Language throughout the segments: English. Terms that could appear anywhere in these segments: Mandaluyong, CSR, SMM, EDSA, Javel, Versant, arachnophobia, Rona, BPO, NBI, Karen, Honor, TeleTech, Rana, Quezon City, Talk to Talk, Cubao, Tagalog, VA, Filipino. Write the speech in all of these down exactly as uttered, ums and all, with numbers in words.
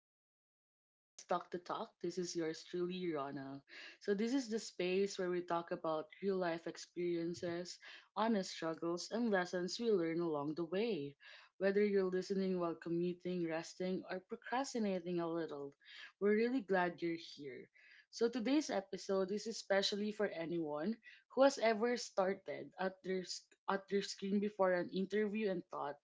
to my podcast Talk to Talk. This is yours truly Rana. So this is the space where we talk about real life experiences, honest struggles, and lessons we learn along the way. Whether you're listening while commuting, resting, or procrastinating a little, we're really glad you're here. So today's episode is especially for anyone who has ever started at their sc- at their screen before an interview and thought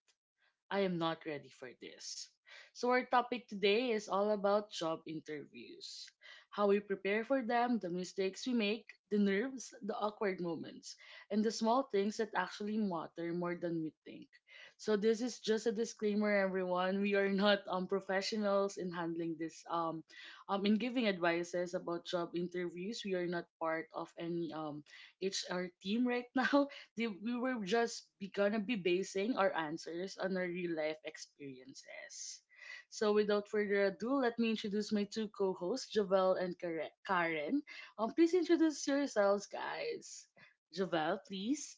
I am not ready for this. So, our topic today is all about job interviews, how we prepare for them, the mistakes we make, the nerves, the awkward moments, and the small things that actually matter more than we think. So, this is just a disclaimer, everyone. We are not um, professionals in handling this, um, um, in giving advices about job interviews. We are not part of any um, H R team right now. they, we were just be, gonna be basing our answers on our real life experiences. So, without further ado, let me introduce my two co hosts, Javel and Kare- Karen. Um, please introduce yourselves, guys. Javel, please.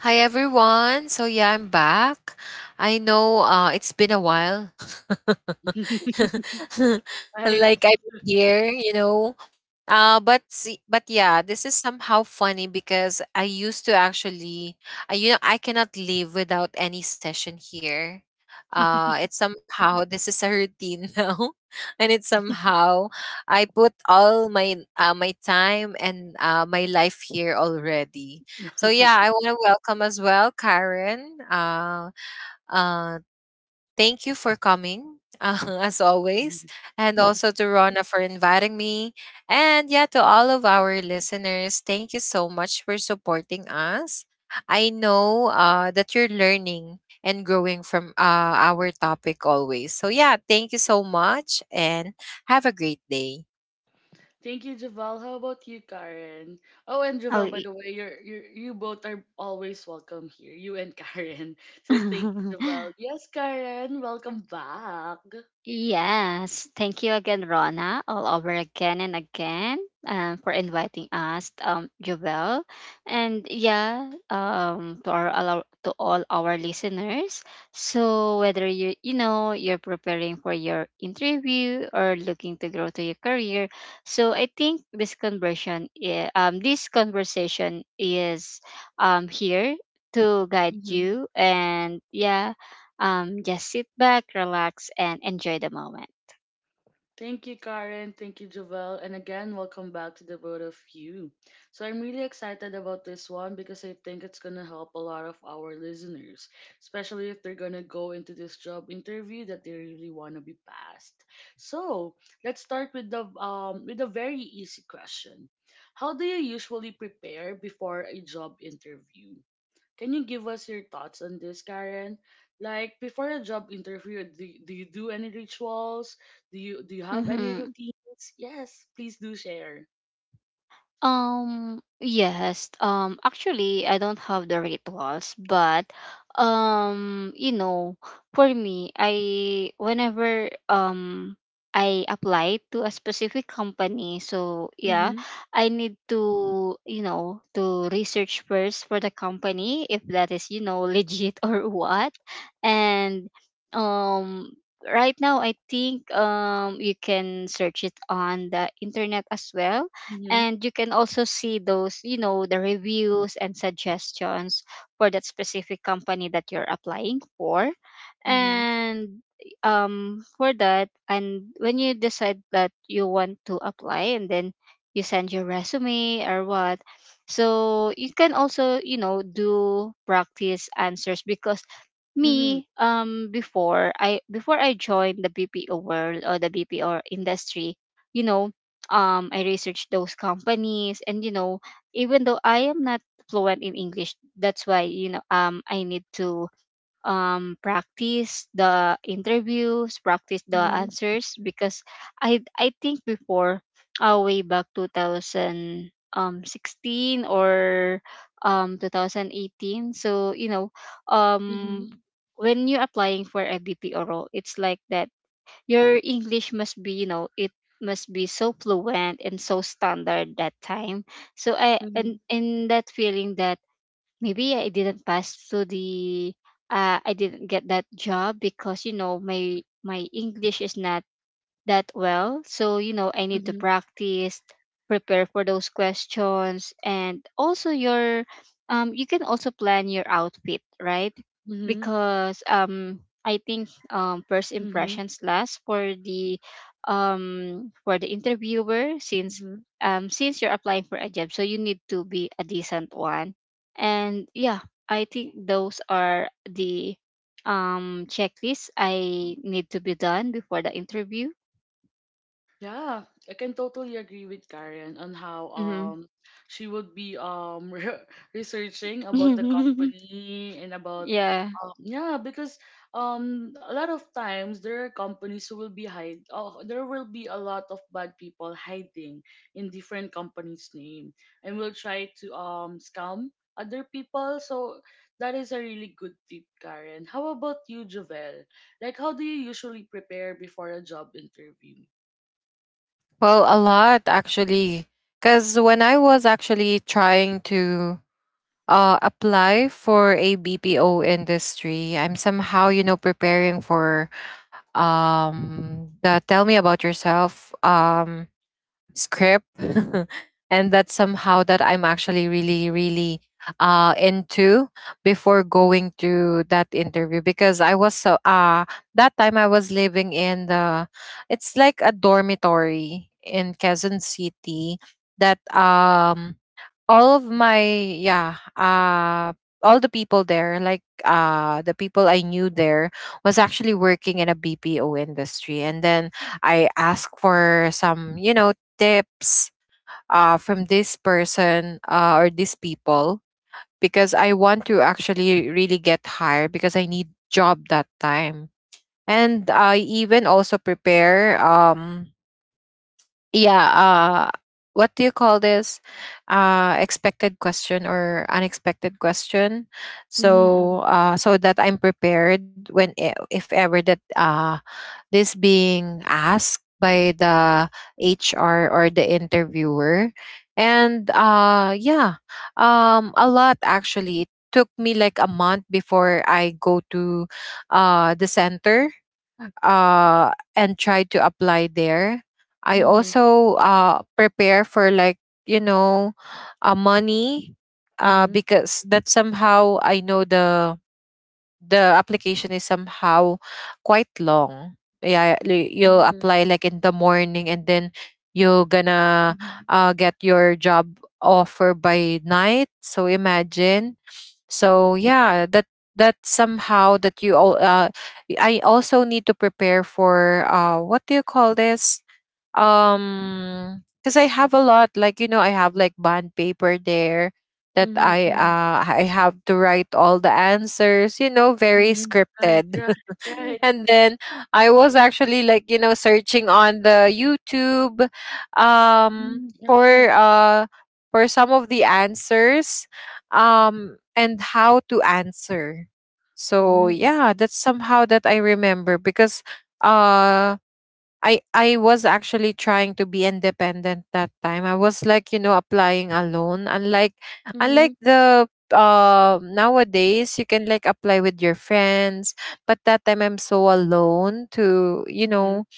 Hi everyone. So yeah, I'm back. I know uh it's been a while. Right. like I have been here, you know. Uh, but see, but yeah, this is somehow funny because I used to actually, I, you know, I cannot live without any session here. Uh, it's somehow this is a routine now, and it's somehow I put all my uh, my time and uh, my life here already. So yeah, I want to welcome as well Karen, uh, uh, thank you for coming, uh, as always, and also to Rona for inviting me. And yeah, to all of our listeners, thank you so much for supporting us. I know uh, that you're learning and growing from uh, our topic always. So yeah, thank you so much and have a great day. Thank you, Javel. How about you, Karen? Oh, and Oh, Javel, by y- the way, you're, you're you both are always welcome here, you and Karen. So thank you, Javel. Yes, Karen, welcome back. yes. Thank you again, Rona, all over again and again, um, for inviting us, um, Jovel, and yeah, um, to our allo- to all our listeners. So whether you you know you're preparing for your interview or looking to grow to your career, so I think this conversion, i- um, this conversation is, um, here to guide you. And yeah, um just sit back, relax, and enjoy the moment. Thank you, Karen. Thank you, Jovel. And again, welcome back to the both of you. So I'm really excited about this one because I think it's gonna help a lot of our listeners, especially if they're gonna go into this job interview that they really wanna be passed. So let's start with the um with a very easy question. How do you usually prepare before a job interview? Can you give us your thoughts on this, Karen? Like before a job interview, do, do you do any rituals? Do you do you have any Mm-hmm. routines? Yes, please do share. um yes, um actually I don't have the rituals, but um you know, for me, I whenever um I apply to a specific company, so yeah, Mhm. I need to, you know, to research first for the company if that is, you know, legit or what. And um right now, I think um you can search it on the internet as well, Mhm. and you can also see those, you know, the reviews and suggestions for that specific company that you're applying for. Mhm. And um for that, and when you decide that you want to apply, and then you send your resume or what, so you can also, you know, do practice answers. Because Mhm. me, um, before I before I joined the B P O world or the B P O industry, you know, um, I researched those companies, and you know, even though I am not fluent in English, that's why, you know, um, I need to um practice the interviews, practice the Mhm. answers. Because i i think before, uh, way back two thousand sixteen or um two thousand eighteen, so you know, Mhm. um when you're applying for a B P O role, it's like that your English must be, you know, it must be so fluent and so standard that time. So I, and Mhm. in that feeling that maybe I didn't pass through the uh, I didn't get that job because, you know, my my English is not that well. So, you know, I need to Mhm. practice, prepare for those questions, and also your um you can also plan your outfit, right? Mhm. Because um I think um first Mhm. impressions last for the um for the interviewer, since Mhm. um since you're applying for a job, so you need to be a decent one. And yeah, I think those are the um checklists I need to be done before the interview. Yeah, I can totally agree with Karen on how Mhm. um she would be um re- researching about the company and about Yeah. um yeah, because um a lot of times there are companies who will be hide, oh, there will be a lot of bad people hiding in different companies' name and will try to um scam other people, so that is a really good tip, Karen. How about you, Jovel? Like how do you usually prepare before a job interview? Well, a lot actually, because when I was actually trying to uh, apply for a B P O industry. I'm somehow, you know, preparing for um, the tell me about yourself um, script. And that's somehow that I'm actually really, really uh, into before going to that interview because I was so, uh, that time I was living in the, it's like a dormitory in Quezon City that um all of my yeah uh all the people there, like uh the people I knew there was actually working in a BPO industry. And then I asked for some, you know, tips uh from this person, uh, or these people because I want to actually really get hired because I need job that time. And I even also prepare um yeah uh what do you call this, uh expected question or unexpected question. Mhm, mm, So uh so that I'm prepared when e- if ever that uh this being asked by the HR or the interviewer. And uh yeah, um a lot actually. It took me like a month before I go to uh the center, uh, and try to apply there. I mhm, also uh, prepare for, like, you know, uh, money, uh, mhm, because that somehow I know the the application is somehow quite long. Yeah, li- you'll mhm, apply like in the morning and then you're gonna mhm, uh, get your job offer by night. So imagine. So yeah, that that somehow that you all uh, I also need to prepare for uh what do you call this? mhm, um Because I have a lot, like, you know, I have like bond paper there that mhm, i mhm, uh I have to write all the answers, you know, very mhm. Right, scripted. right, right. And then I was actually, like, you know, searching on the YouTube um Mm, right. for uh for some of the answers, um and how to answer. So Mhm, yeah, that's somehow that I remember because uh I I was actually trying to be independent that time. I was, like, you know, applying alone. Unlike mhm, unlike the uh nowadays you can, like, apply with your friends, but that time I'm so alone to, you mhm, know,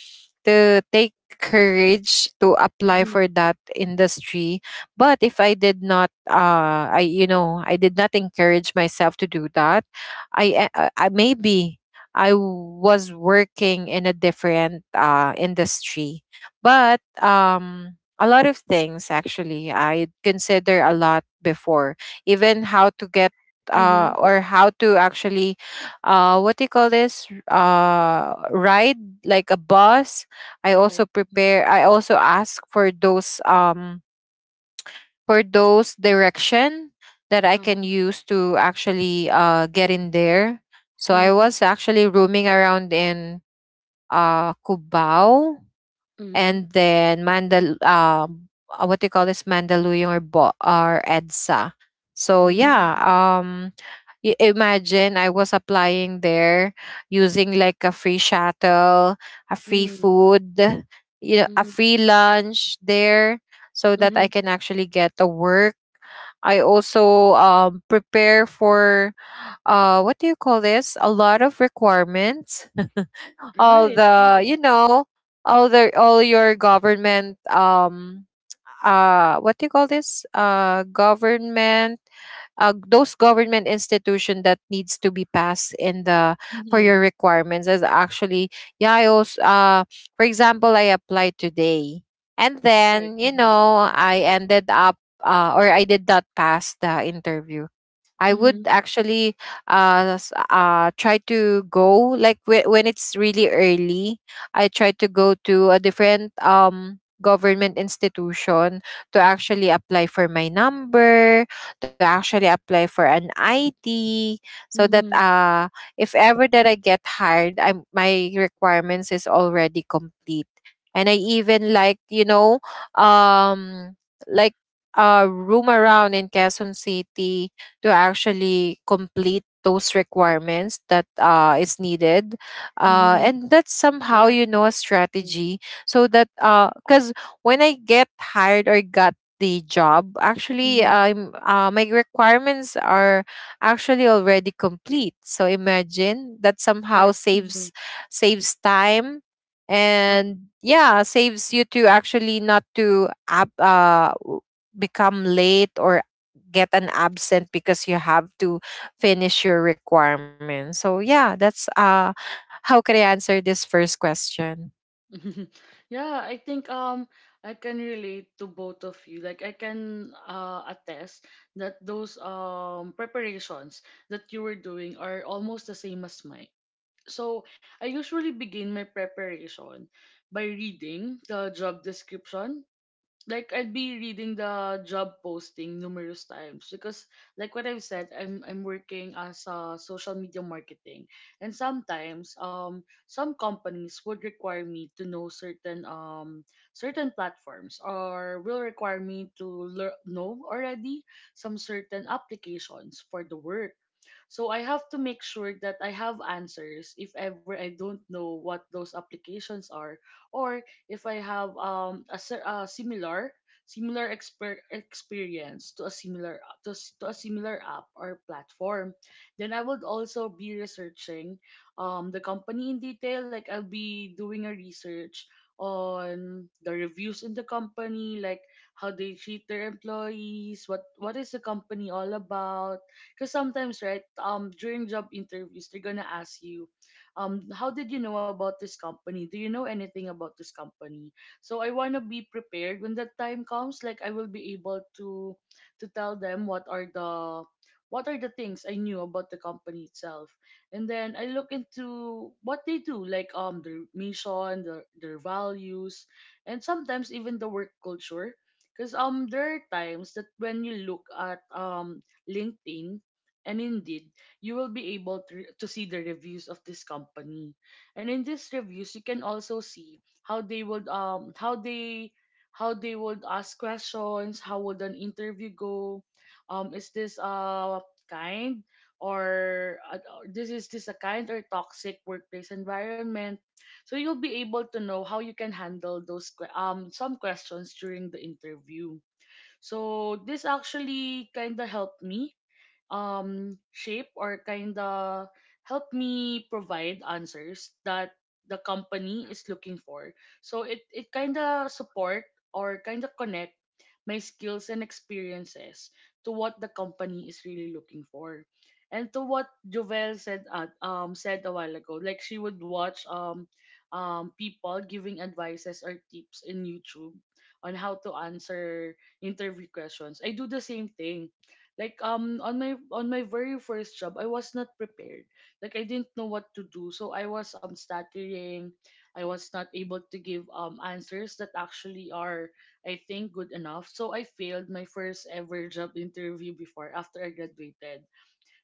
to take courage to apply mhm, for that industry. But if I did not uh I you know, I did not encourage myself to do that, I, I, I maybe I was working in a different uh, industry, but um, a lot of things actually I consider a lot before, even how to get uh, mhm. or how to actually uh, what do you call this, uh, ride like a bus. I Right. also Mhm. prepare. I also ask for those um for those direction that I Uh-huh. can use to actually uh, get in there. So I Mhm, was actually roaming around in uh, Cubao, mhm, and then Mandal um uh, what do you call this, Mandaluyong or Bo- or EDSA. So yeah, mm, um i- imagine I was applying there using like a free shuttle, a free mm, food, you know, a mhm, free lunch there, so that I mhm. can actually get the work. I also um, prepare for uh, what do you call this? A lot of requirements. All Right, the, right. you know, all the all your government um uh what do you call this, uh government uh, those government institution that needs to be passed in the for Mhm, your requirements is actually yeah. I also uh for example, I applied today and right. then, you Mhm, know, I ended up uh, or I did not pass the interview. I would mhm, actually uh, s- uh try to go like whe- when it's really early. I try to go to a different um government institution to actually apply for my number, to actually apply for an I D, so that mhm, uh if ever that I get hired, I'm my requirements is already complete. And I even, like, you know, um like uh room around in Quezon City to actually complete those requirements that uh, is needed, uh, mhm. and that's somehow, Right. you know, a Mhm, strategy, so that because when I get hired or got the job actually mhm. I'm uh, my requirements are actually already complete. So imagine that somehow Correct. saves saves time. Mhm. And yeah, saves you to actually not to up, uh, w- become late or get an absent because you have to finish your requirements. So yeah, that's uh how can I answer this first question? Yeah, I think um I can relate to both of you. Like I can uh attest that those um preparations that you were doing are almost the same as mine. So I usually begin my preparation by reading the job description, like I'd be reading the job posting numerous times because like what I've said, I'm I'm working as a social media marketing, and sometimes um some companies would require me to know certain um certain platforms, or will require me to lear- know already some certain applications for the work, so I have to make sure that I have answers if ever I don't know what those applications are, or if I have um a, si- a similar similar exper- experience to a similar to, s- to a similar app or platform. Then I would also be researching um the company in detail, like I'll be doing a research on the reviews in the company, like how they treat their employees, what what is the company all about, because sometimes, right, um, during job interviews, they're gonna ask you, um, how did you know about this company? Do you know anything about this company? So I wanna be prepared when that time comes. Like I will be able to to tell them what are the what are the things I knew about the company itself. And then I look into what they do, like um their mission, their their values, and sometimes even the work culture. Because um there are times that when you look at um LinkedIn and indeed, you will be able to, to see the reviews of this company. And in these reviews, you can also see how they would um how they how they would ask questions, how would an interview go? Um, is this uh kind or uh, or this is this a kind or toxic workplace environment? So you'll be able to know how you can handle those que- um some questions during the interview. So this actually kind of helped me um shape, or kind of help me provide answers that the company is looking for, so it it kind of support or kind of connect my skills and experiences to what the company is really looking for. And to what Jovel said at, um said a while ago, like she would watch um um people giving advices or tips in YouTube on how to answer interview questions. I do the same thing. Like um on my on my very first job, I was not prepared. Like I didn't know what to do, so I was um stuttering. I was not able to give um answers that actually are I think good enough. So I failed my first ever job interview before after I graduated.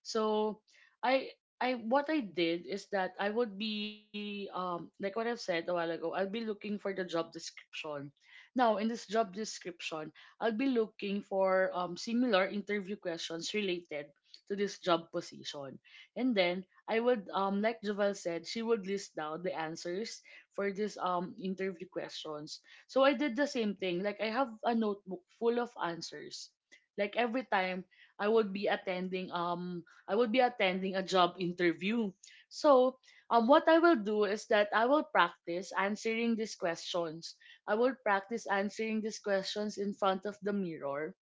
So I I what I did is that I would be um like what I've said a while ago, I'll be looking for the job description. Now in this job description, I'll be looking for um similar interview questions related to this job position. And then I would um like Jovel said, she would list down the answers for this um interview questions. So I did the same thing. Like I have a notebook full of answers. Like every time I would be attending um I would be attending a job interview. So, um, what I will do is that I will practice answering these questions. I will practice answering these questions in front of the mirror.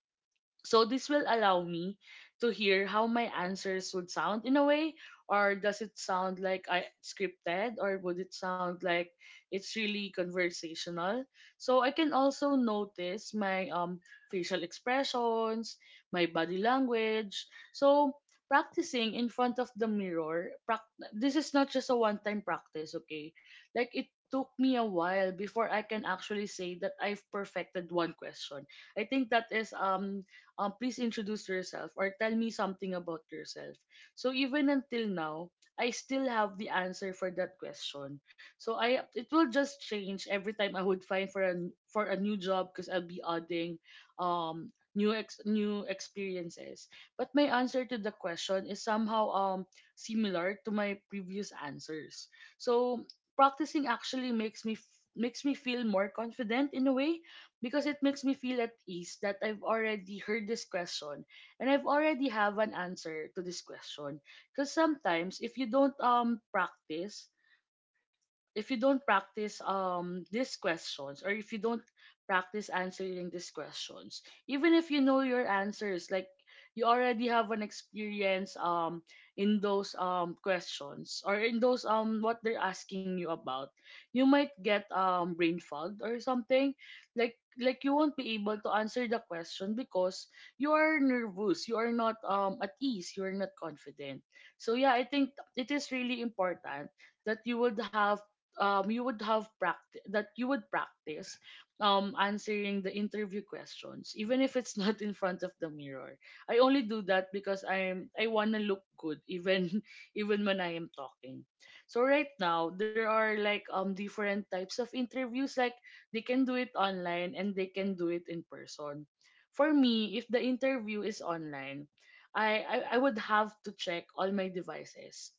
So this will allow me to hear how my answers would sound in a way, or does it sound like I scripted, or would it sound like it's really conversational? So I can also notice my um facial expressions, my body language. So practicing in front of the mirror, prac- this is not just a one-time practice, okay? Like it took me a while before I can actually say that I've perfected one question. I think that is um um, please introduce yourself or tell me something about yourself. So even until now, I still have the answer for that question. So I it will just change every time I would find for a n- for a new job because I'll be adding um new ex new experiences. But my answer to the question is somehow um similar to my previous answers. So practicing actually makes me f- makes me feel more confident in a way because it makes me feel at ease that I've already heard this question and I've already have an answer to this question. Because sometimes if you don't um practice, if you don't practice um these questions, or if you don't practice answering these questions even if you know your answers, like you already have an experience um in those um questions or in those um what they're asking you about, you might get um brain fog or something, like like you won't be able to answer the question because you are nervous, you are not um at ease, you are not confident. So yeah, I think it is really important that you would have um you would have practice, that you would practice um answering the interview questions, even if it's not in front of the mirror. I only do that because i'm I wanna look good even even when I am talking. So right now there are like um different types of interviews, like they can do it online and they can do it in person. For me, if the interview is online, i i, I would have to check all my devices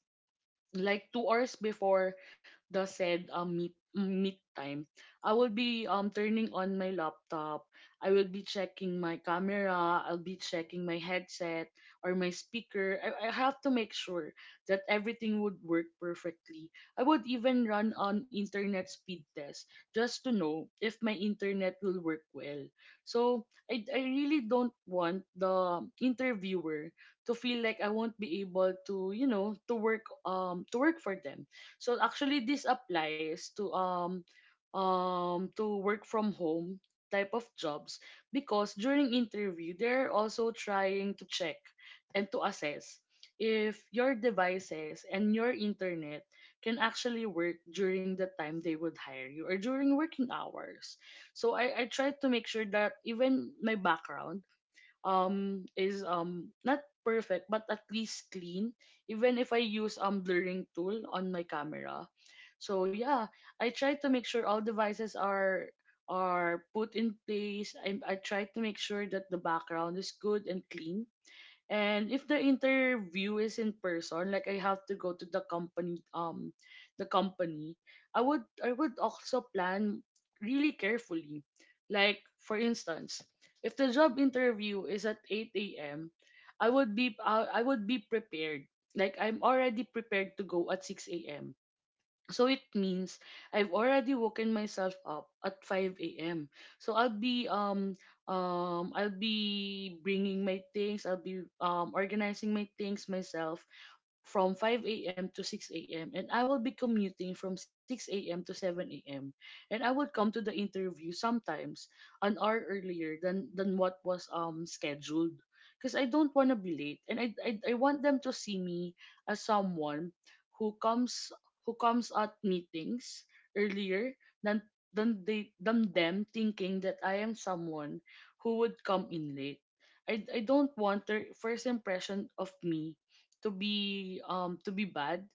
like two hours before the said um, meet meet time, I will be um turning on my laptop. I will be checking my camera. I'll be checking my headset or my speaker. I, I have to make sure that everything would work perfectly. I would even run an internet speed test just to know if my internet will work well. So I, I really don't want the interviewer to feel like I won't be able to, you know, to work um to work for them. So actually this applies to um um to work from home type of jobs because during interview they're also trying to check and to assess if your devices and your internet can actually work during the time they would hire you or during working hours. So I, I tried to make sure that even my background um is um not perfect but at least clean, even if I use um blurring tool on my camera. So yeah, I try to make sure all devices are are put in place. I, I try to make sure that the background is good and clean. And if the interview is in person, like I have to go to the company, um, the company, I would I would also plan really carefully. Like for instance, if the job interview is at eight a m, I would be I I would be prepared. Like I'm already prepared to go at six a m. So it means I've already woken myself up at five a m. So I'll be um um I'll be bringing my things, I'll be um organizing my things myself from five a m to six a m, and I will be commuting from six a m to seven a m And I would come to the interview sometimes an hour earlier than than what was um scheduled, because I don't want to be late, and I, I I want them to see me as someone who comes who comes at meetings earlier than than they than them thinking that I am someone who would come in late. I, I don't want their first impression of me to be um to be bad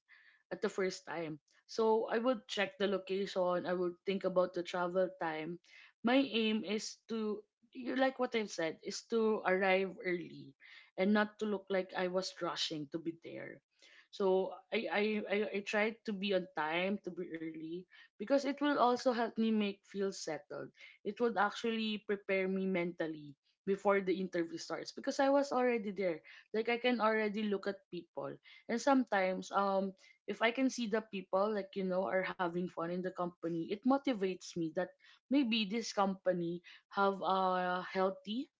at the first time. So I would check the location, I would think about the travel time. My aim is to you, like what I've said, is to arrive early and not to look like I was rushing to be there. So I I, I, I tried to be on time, to be early, because it will also help me make feel settled. It would actually prepare me mentally before the interview starts because I was already there. Like I can already look at people. And sometimes um if I can see the people, like, you know are having fun in the company, it motivates me that maybe this company have a healthy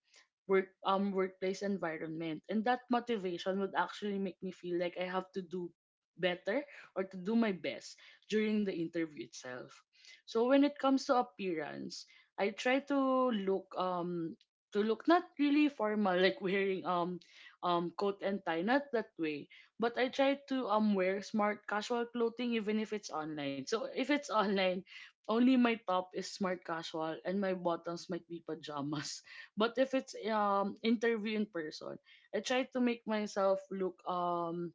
work um workplace environment, and that motivation would actually make me feel like I have to do better, or to do my best during the interview itself. So when it comes to appearance, I try to look um to look not really formal, like wearing um um coat and tie, not that way, but I try to um wear smart casual clothing even if it's online. So if it's online, only my top is smart casual and my bottoms might be pajamas. But if it's um interview in person, I try to make myself look um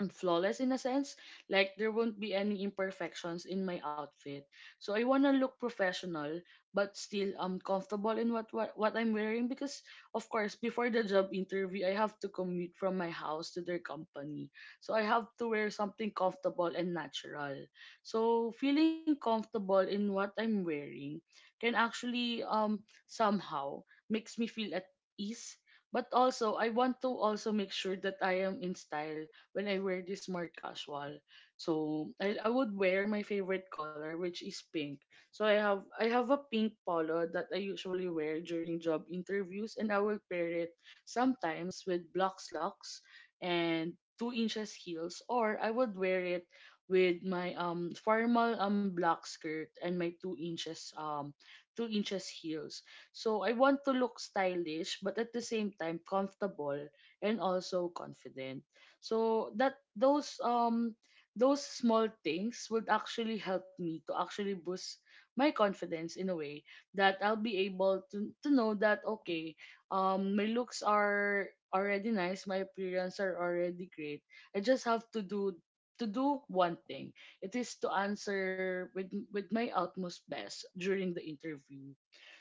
and flawless in a sense. Like, there won't be any imperfections in my outfit. So I wanna look professional but still um comfortable in what, what what I'm wearing, because of course before the job interview I have to commute from my house to their company. So I have to wear something comfortable and natural. So feeling comfortable in what I'm wearing can actually um somehow makes me feel at ease. But also I want to also make sure that I am in style when I wear this more casual. So I, I would wear my favorite color, which is pink. So I have I have a pink polo that I usually wear during job interviews, and I will pair it sometimes with black slacks and two inches heels, or I would wear it with my um formal um black skirt and my two inches um two inches heels. So I want to look stylish but at the same time comfortable, and also confident. So that those um those small things would actually help me to actually boost my confidence in a way that I'll be able to to know that, okay, um my looks are already nice, my appearance are already great. I just have to do to do one thing. It is to answer with with my utmost best during the interview.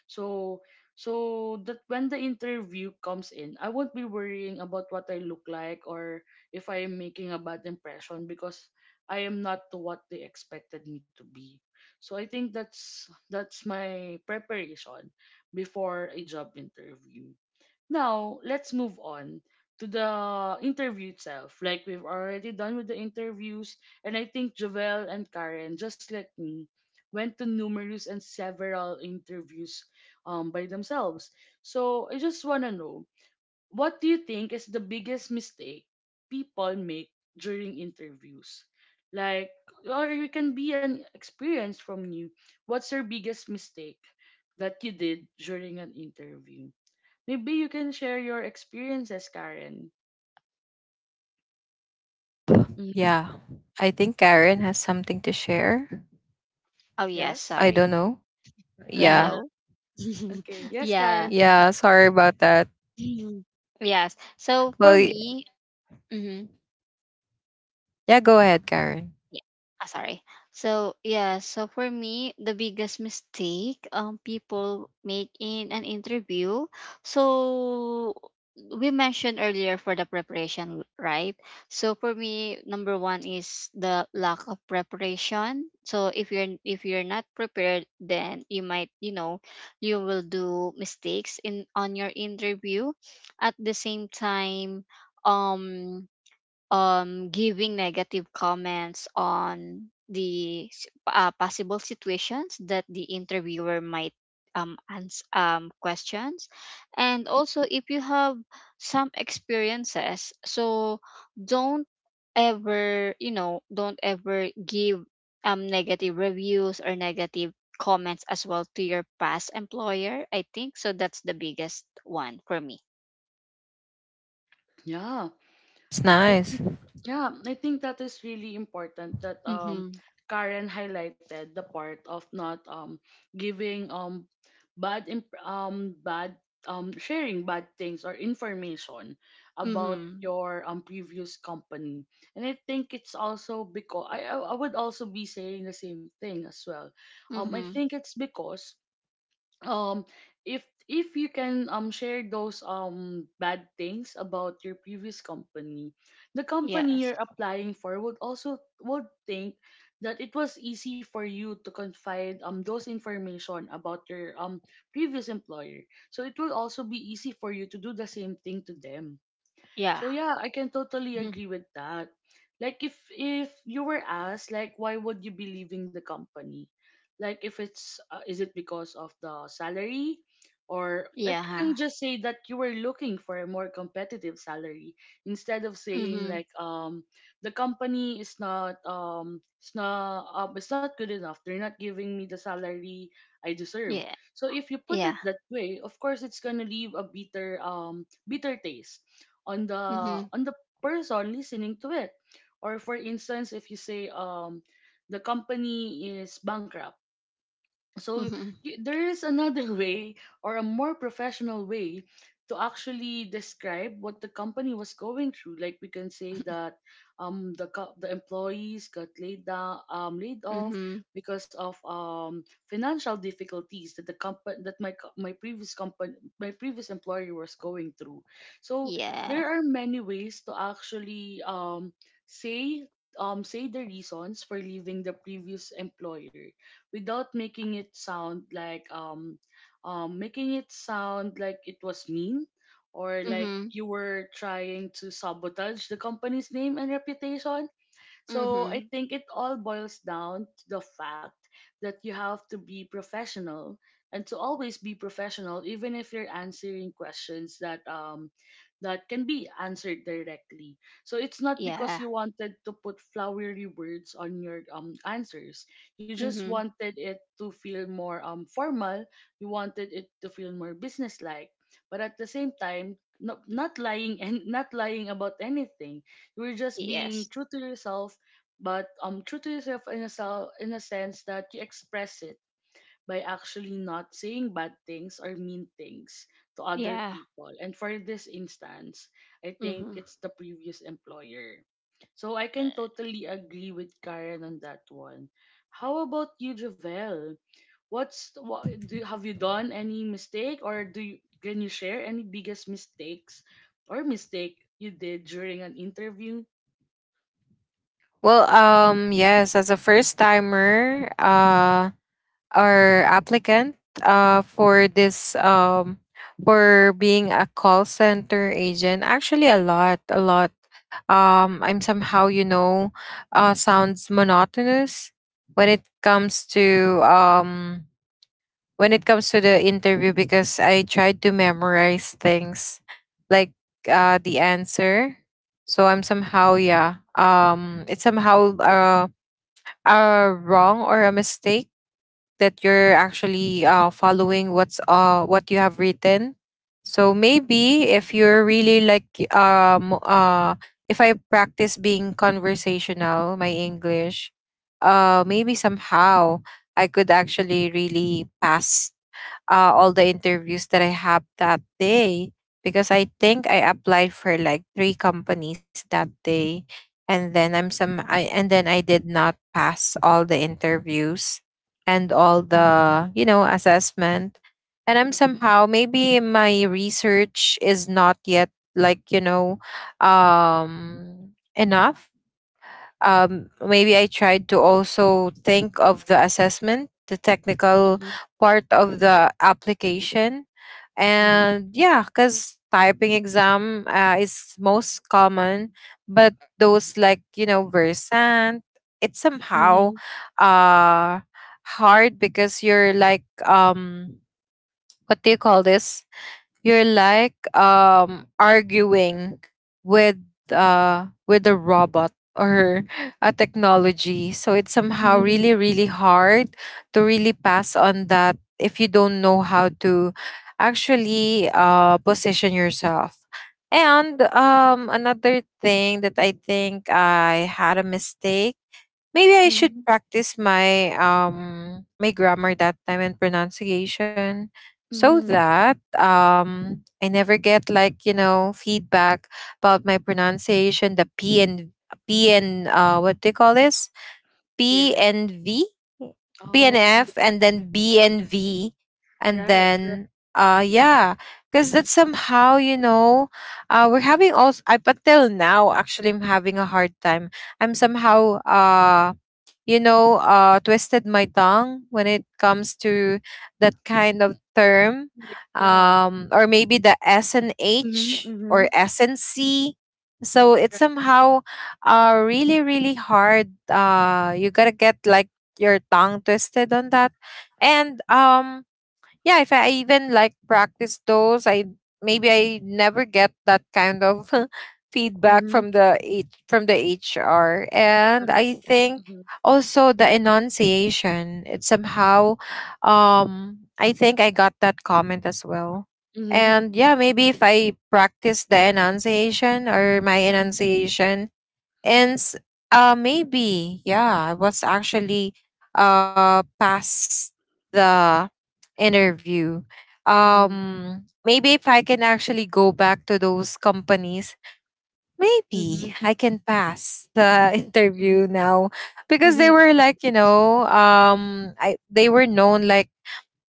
So so that when the interview comes in, I won't be worrying about what I look like, or if I am making a bad impression because I am not to what they expected me to be. So I think that's that's my preparation before a job interview. Now, let's move on to the interview itself. Like, we've already done with the interviews, and I think Jovel and Karen, just like me, went to numerous and several interviews um by themselves. So I just wanna know, what do you think is the biggest mistake people make during interviews? Like, or you can be an experience from you. What's your biggest mistake that you did during an interview? Maybe you can share your experiences, Karen. Hmm. Yeah. I think Karen has something to share. Oh yes, Yes. I don't sorry. know. Yeah, Yeah. hello. Okay. Yes, Yeah. Karen, please. Yeah, sorry about that. Yes. So Well, for y- me, mhm. yeah, go ahead, Karen. Yeah. Ah, sorry. So yeah, so for me, the biggest mistake um people make in an interview. So we mentioned earlier for the preparation, right? So for me, number one is the lack of preparation. So if you're if you're not prepared, then you might, you know, you will do mistakes in on your interview. At the same time, um um giving negative comments on the s- uh, possible situations that the interviewer might um, ans- um questions. And also if you have some experiences, so don't ever you know don't ever give um negative reviews or negative comments as well to your past employer, I think, so that's the biggest one for me. Yeah. It's I nice. think yeah, I think that is really important that um Mm-hmm. Karen highlighted the part of not um giving um bad imp- um bad um sharing bad things or information about Mm-hmm. your um previous company. And I think it's also because I I I would also be saying the same thing as well. Um I Mm-hmm. think it's because um if if you can um share those um bad things about your previous company, the company Yes. you're applying for would also would think that it was easy for you to confide um those information about your um previous employer, so it will also be easy for you to do the same thing to them. Yeah. So yeah, I can totally Mhm. agree with that. Like, if if you were asked, like, why would you be leaving the company? Like, if it's uh, is it because of the salary, or like Yeah, you huh? can just say that you were looking for a more competitive salary instead of saying, Mhm. like, um the company is not um it's not um, it's not good enough. They're not giving me the salary I deserve. Yeah. So if you put it Yeah. that way, of course it's gonna leave a bitter um bitter taste on the Mhm. on the person listening to it. Or for instance, if you say um the company is bankrupt. So Mhm. y there is another way, or a more professional way to actually describe what the company was going through. Like, we can say that um the co- the employees got laid down um laid off Mhm. because of um financial difficulties that the company that my co- my previous company, my previous employer was going through. So Yeah. there are many ways to actually um say um say the reasons for leaving the previous employer, without making it sound like um, um making it sound like it was mean, or like Mhm. you were trying to sabotage the company's name and reputation. So I Mhm. think it all boils down to the fact that you have to be professional, and to always be professional, even if you're answering questions that um that can be answered directly. So it's not because Yeah. you wanted to put flowery words on your um answers. You just Mhm. wanted it to feel more um formal. You wanted it to feel more businesslike. But at the same time, no, not lying and not lying about anything. You were just being Yes. true to yourself, but um, true to yourself in a, sel- in a sense that you express it by actually not saying bad things or mean things to other Yeah. people. And for this instance, I think Mhm. it's the previous employer. So I can totally agree with Karen on that one. How about you, Javel? What's what do have you done any mistake, or do you can you share any biggest mistakes or mistake you did during an interview? Well, um yes, as a first timer, uh our applicant uh, for this um, for being a call center agent actually a lot a lot um, I'm somehow, you know, uh, sounds monotonous when it comes to um, when it comes to the interview because I tried to memorize things, like, uh, the answer. So I'm somehow, yeah, um, it's somehow uh, a wrong or a mistake that you're actually uh, following what's uh what you have written. So maybe if you're really like um uh if I practice being conversational, my English, uh maybe somehow I could actually really pass uh, all the interviews that I have that day, because I think I applied for like three companies that day, and then I'm some I and then I did not pass all the interviews and all Mm-hmm. the, you know, assessment. And I'm somehow maybe my research is not yet, like, you know, um enough. um, maybe I tried to also think of the assessment, the technical Mm-hmm. part of the application. And yeah, because typing exam uh, is most common, but those, like, you know, Versant, it's somehow Mm-hmm. uh, hard because you're like, um, what do you call this? You're, like, um arguing with uh with a robot or a technology. So it's somehow Mhm, really, really hard to really pass on that if you don't know how to actually uh position yourself. And um another thing that I think I had a mistake, maybe I should mhm, practice my um my grammar that time and pronunciation, so mhm. that um I never get, like, you know, feedback about my pronunciation, the P and P and uh what do you call this? P N P F. and V? P and Oh, B, F, and then B and V, and right, correct. then uh yeah, because that's somehow, you know, uh we're having also up until now actually. I'm having a hard time. I'm somehow uh you know, uh, twisted my tongue when it comes to that kind of term. Yes, yeah. Um, or maybe the S and Mhm, H or mhm. S and C. So it's Right. somehow uh, really, really hard. Uh, you gotta get like your tongue twisted on that. And um, yeah, if I even like practice those, I maybe I never get that kind of feedback Mhm. from the H- from the HR. And Understood. I think Mhm. also the enunciation, it somehow um I think I got that comment as well. Mhm. And yeah, maybe if I practice the enunciation or my Mhm. enunciation and s- uh maybe, yeah, I was actually uh past the interview. Mhm. Um maybe if I can actually go back to those companies, maybe Mhm. I can pass the Mhm. interview now, because they Mhm. were like, you know, um I they were known like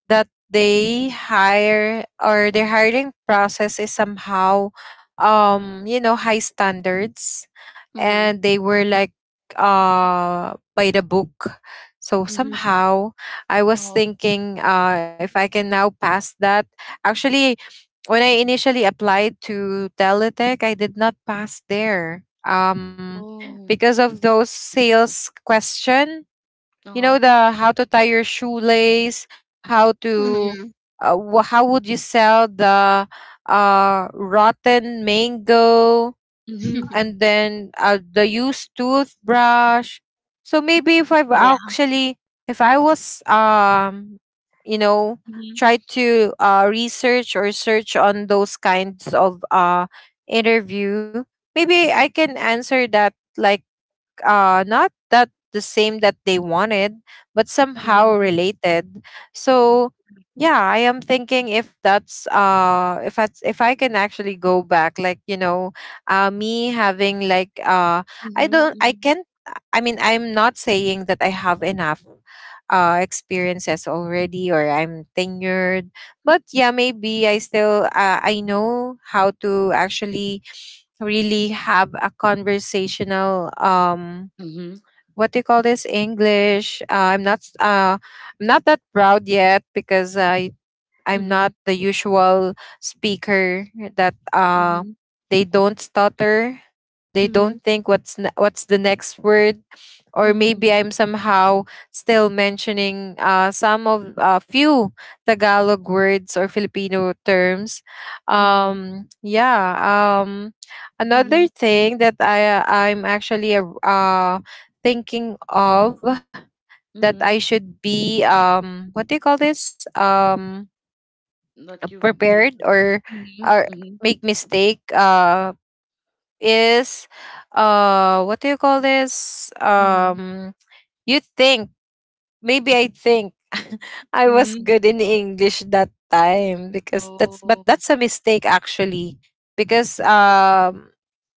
that they hire or their hiring process is somehow um you know, high standards, Mhm. and they were like uh by the book. So Mhm. somehow I was Uh-huh. thinking uh if I can now pass that actually. When I initially applied to Teletech, I did not pass there um Oh. because of those sales question, you know, Uh-huh. the how to tie your shoelace, how to Mhm. uh, wh- how would you sell the uh rotten mango, Mhm. and then uh, the used toothbrush. So maybe if I've Yeah. actually, if I was, um, you know, Mhm. try to uh, research or search on those kinds of uh, interview, maybe I can answer that like uh, not that the same that they wanted, but somehow Mhm. related. So yeah, I am thinking if that's uh if I if I can actually go back, like, you know, uh, me having like uh I don't I Mhm. can't. I mean, I'm not saying that I have enough uh experiences already, or I'm tenured, but yeah, maybe I still uh, I know how to actually really have a conversational um Mhm. what do you call this, English. uh, i'm not s- uh I'm not that proud yet, because i Mhm. i'm not Mhm. the usual speaker that uh Mhm. they don't stutter, they Mhm. don't think what's ne- what's the next word. Or Mhm. maybe I'm somehow still mentioning uh, some of a few Tagalog words or Filipino terms. Mhm. Um, yeah. Um, another Mhm. thing that I I'm actually a- uh, thinking of, that Mhm. I should be um what do you call this, um That you prepared, made. or Mhm. or Mhm. make mistake, uh is, uh what do you call this, Mhm. um you think, maybe I think. I was Mhm. good in English that time, because that's but Oh. that's a mistake actually. Because, um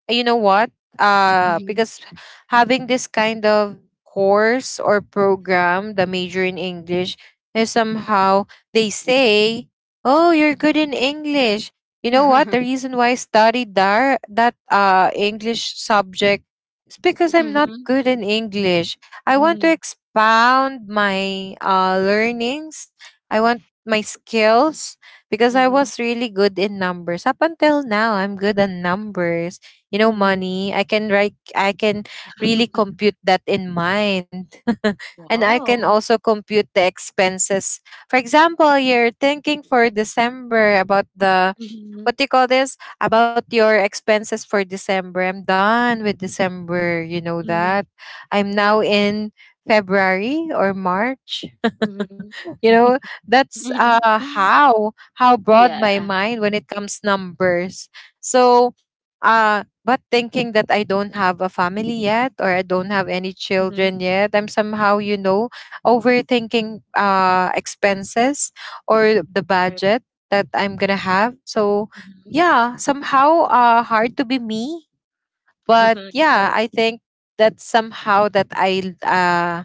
you know what? Uh, Mhm. Mhm. because having this kind of course or program, the major in English, is somehow, they say, "Oh, you're good Mhm. in English." You know what? The reason why I studied that that uh English subject is because I'm not Mhm. good in English. I want to Mhm. expound my uh learnings. I want my skills, because I Mhm, was really good in numbers. Up until now, I'm good in numbers. You know, mhm. money I can write. I can really compute that in mind. And I can Wow. also compute the expenses. For example, you're thinking for December about the, Mhm, what do you call this, about your expenses for December. I'm done with December, you know mhm. that. I'm Right. now in February or March. Mhm. You know, that's uh how how broad Yeah. my mind when it comes numbers. So, uh but thinking that I don't have a family yet, or I don't have any Mhm. children yet, I'm somehow, you know, overthinking uh expenses or the Right. budget that I'm gonna have. So Mhm. yeah, somehow uh hard to be me. But yeah, Right. I think that somehow that i uh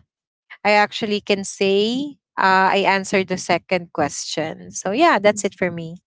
I actually can say, uh, I answered the second question. So yeah, that's it for Mhm. me.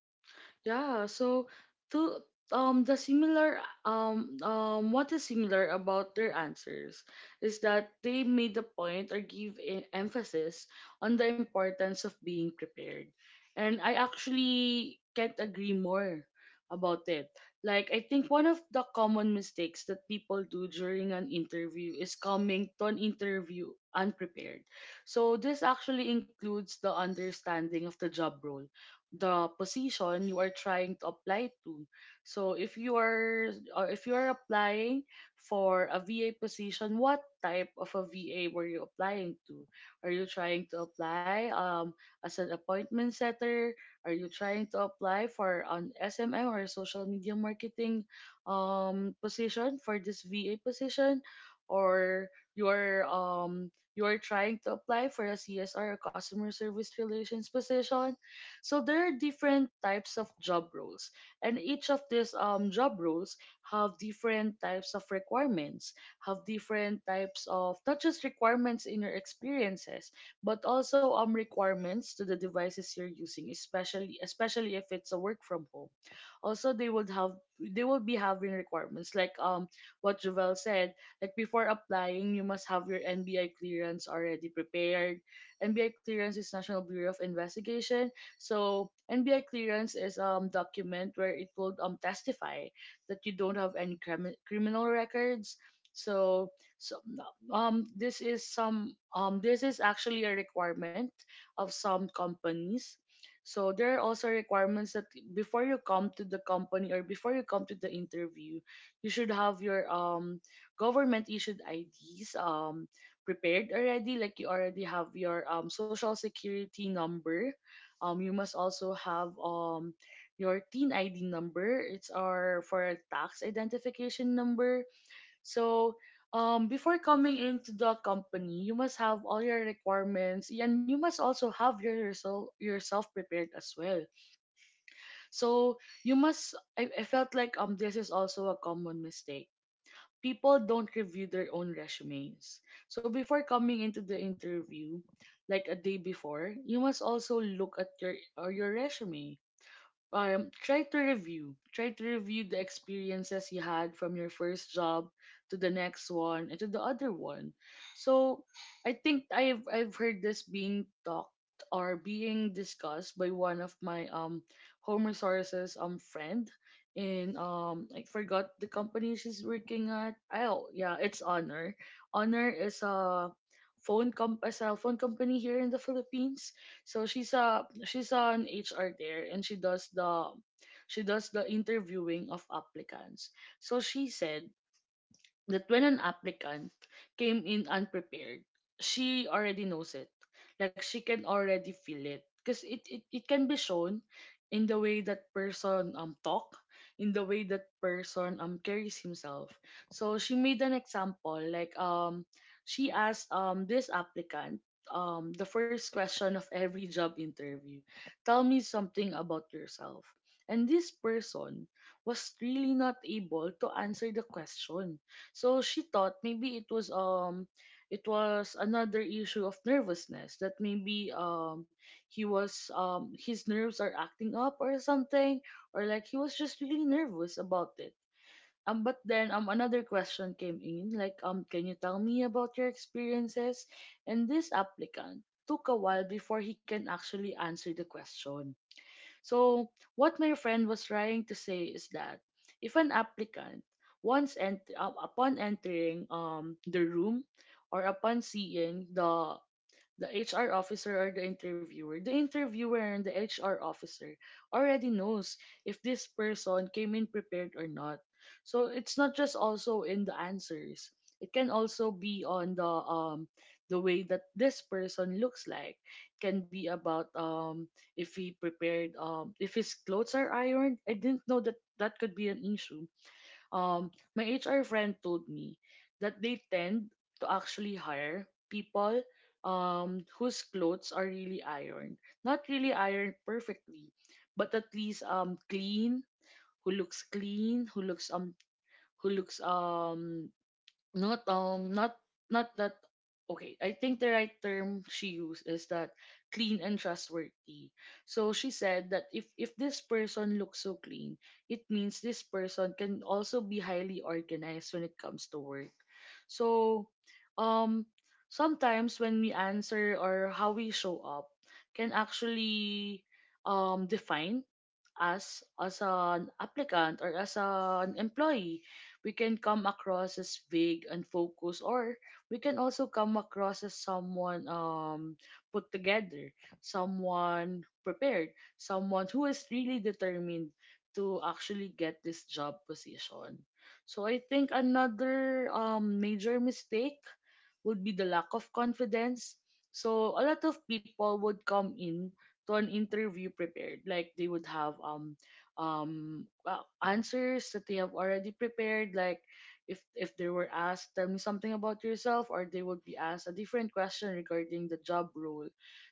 Yeah, so to um the similar um um what is similar about their answers is that they made the point or give e- emphasis on the importance of being prepared. And I actually can't agree more about it. Like, I think one of the common mistakes that people do during an interview is coming to an interview unprepared. So this actually includes the understanding of the job role, the position you are trying to apply to. So if you are or if you are applying for a V A position, what type of a V A were you applying to? Are you trying to apply um as an appointment setter? Are you trying to apply for an S M M or social media marketing um position for this V A position? Or you are um you are trying to apply for a C S R or customer service relations position. So there are different types of job roles, and each of these um, job roles have different types of requirements, have different types of not just requirements in your experiences, but also um requirements to the devices you're using, especially especially if it's a work from home. Also, they would have they will be having requirements like um what Jovel said, like before applying, you must have your N B I clearance already prepared. N B I clearance is National Bureau of Investigation, so N B I clearance is um document where it will um testify that you don't have any crimi- criminal records. So, so um this is some um this is actually a requirement of some companies. So there are also requirements that before you come to the company or before you come to the interview, you should have your um government issued I Ds um prepared already, like you already have your um social security number. Um you must also have um your teen I D number. It's our for tax identification number. So um before coming into the company, you must have all your requirements, and you must also have your yourself yourself prepared as well. So you must — I, I felt like um this is also a common mistake. People don't review their own resumes. So before coming into the interview, like a day before, you must also look at your or your resume. Um try to review try to review the experiences you had from your first job to the next one and to the other one. So I think i've i've heard this being talked or being discussed by one of my um home resources um friend in — um I forgot the company she's working at. Oh yeah, it's Honor. Honor is a phone comp a cell phone company here in the Philippines. So she's a she's an H R there, and she does the she does the interviewing of applicants. So she said that when an applicant came in unprepared, she already knows it. Like she can already feel it. Because it, it, it can be shown in the way that person um talk, in the way that person um carries himself. So she made an example like um she asked um this applicant um the first question of every job interview: tell me something about yourself. And this person was really not able to answer the question. So she thought maybe it was um it was another issue of nervousness, that maybe um he was um his nerves are acting up or something, or like he was just really nervous about it. Um but then um another question came in, like um can you tell me about your experiences. And this applicant took a while before he can actually answer the question. So, what my friend was trying to say is that if an applicant, once ent- uh, upon entering um the room or upon seeing the the H R officer or the interviewer, the interviewer and the H R officer already knows if this person came in prepared or not. So it's not just also in the answers. It can also be on the um the way that this person looks like. Can be about um if he prepared, um if his clothes are ironed. I didn't know that that could be an issue. um, my H R friend told me that they tend to actually hire people um, whose clothes are really ironed. Not really ironed perfectly, but at least um, clean, who looks clean, who looks um, who looks um, not um not not that okay, I think the right term she used is that: clean and trustworthy. So she said that if if this person looks so clean, it means this person can also be highly organized when it comes to work. So um sometimes when we answer or how we show up can actually um define as as an applicant or as an employee. We can come across as vague and focused, or we can also come across as someone um, put together, someone prepared, someone who is really determined to actually get this job position. So I think another um, major mistake would be the lack of confidence. So a lot of people would come in to an interview prepared, like they would have um um uh, answers that they have already prepared, like if if they were asked tell me something about yourself, or they would be asked a different question regarding the job role,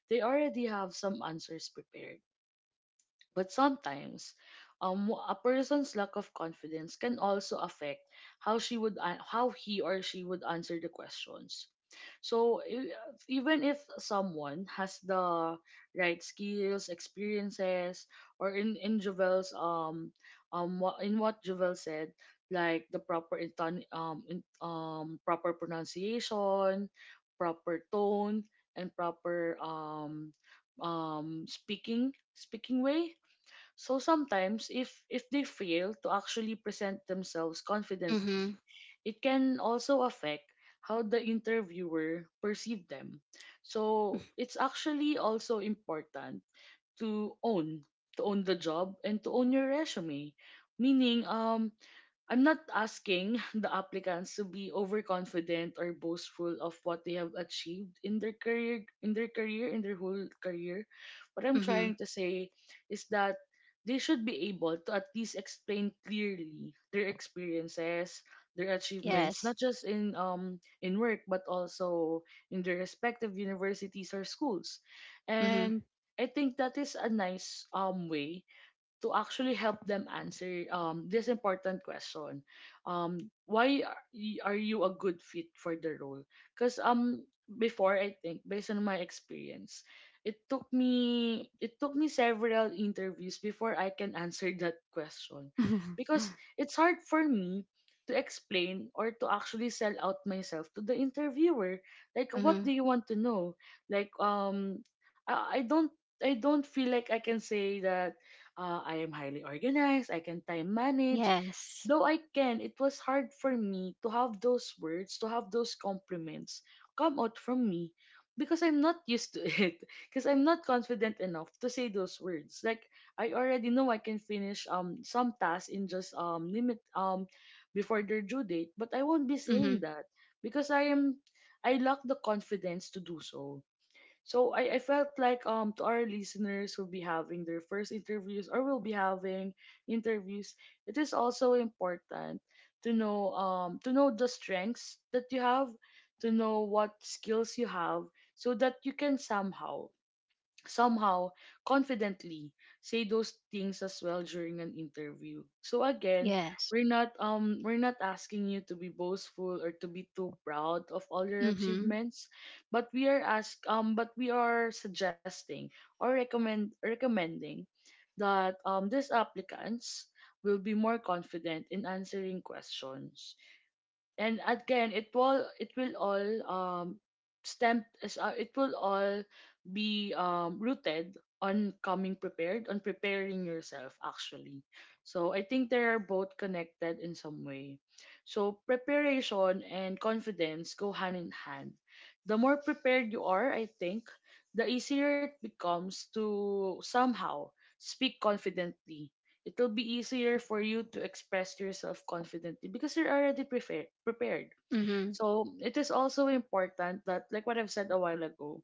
they already have some answers prepared. But sometimes um a person's lack of confidence can also affect how she would an- how he or she would answer the questions. So e- even if someone has the right skills, experiences, or in in Jovel's um um wha- in what Jovel said, like the proper inton um in, um proper pronunciation, proper tone, and proper um um speaking speaking way. So sometimes if if they fail to actually present themselves confidently, Mhm. it can also affect how the interviewer perceive them. So it's actually also important to own, to own the job and to own your resume. Meaning um I'm not asking the applicants to be overconfident or boastful of what they have achieved in their career, in their career in their whole career. What I'm trying Mhm. to say is that they should be able to at least explain clearly their experiences, their achievements, not Yes. just in um in work but also in their respective universities or schools. Mhm. And I think that is a nice um way to actually help them answer um, this important question: um, why are y- are you a good fit for the role? Because um before, I think based on my experience, it took me it took me several interviews before I can answer that question, because it's hard for me to explain or to actually sell out myself to the interviewer. Like what do Mhm. you want to know? Like um i, I don't — I don't feel like I can say that, uh, I am highly organized, I can time manage. Yes. Though I can, it was hard for me to have those words, to have those compliments come out from me, because I'm not used to it. Because I'm not confident enough to say those words. Like I already know I can finish um some tasks in just um limit um before their due date, but I won't be saying Mhm. that because I am — I lack the confidence to do so. So I, I felt like um to our listeners who'll be having their first interviews or will be having interviews, it is also important to know, um to know the strengths that you have, to know what skills you have, so that you can somehow, somehow confidently say those things as well during an interview. So again, Yes. we're not um we're not asking you to be boastful or to be too proud of all your Mhm. achievements, but we are ask um but we are suggesting or recommend recommending that um these applicants will be more confident in answering questions. And again, it will it will all um stem s- uh, it will all be um rooted on coming prepared, on preparing yourself actually. So I think they are both connected in some way. So preparation and confidence go hand in hand. The more prepared you are, I think the easier it becomes to somehow speak confidently. It'll be easier for you to express yourself confidently because you're already prepared prepared Mhm. So it is also important that, like what I've said a while ago,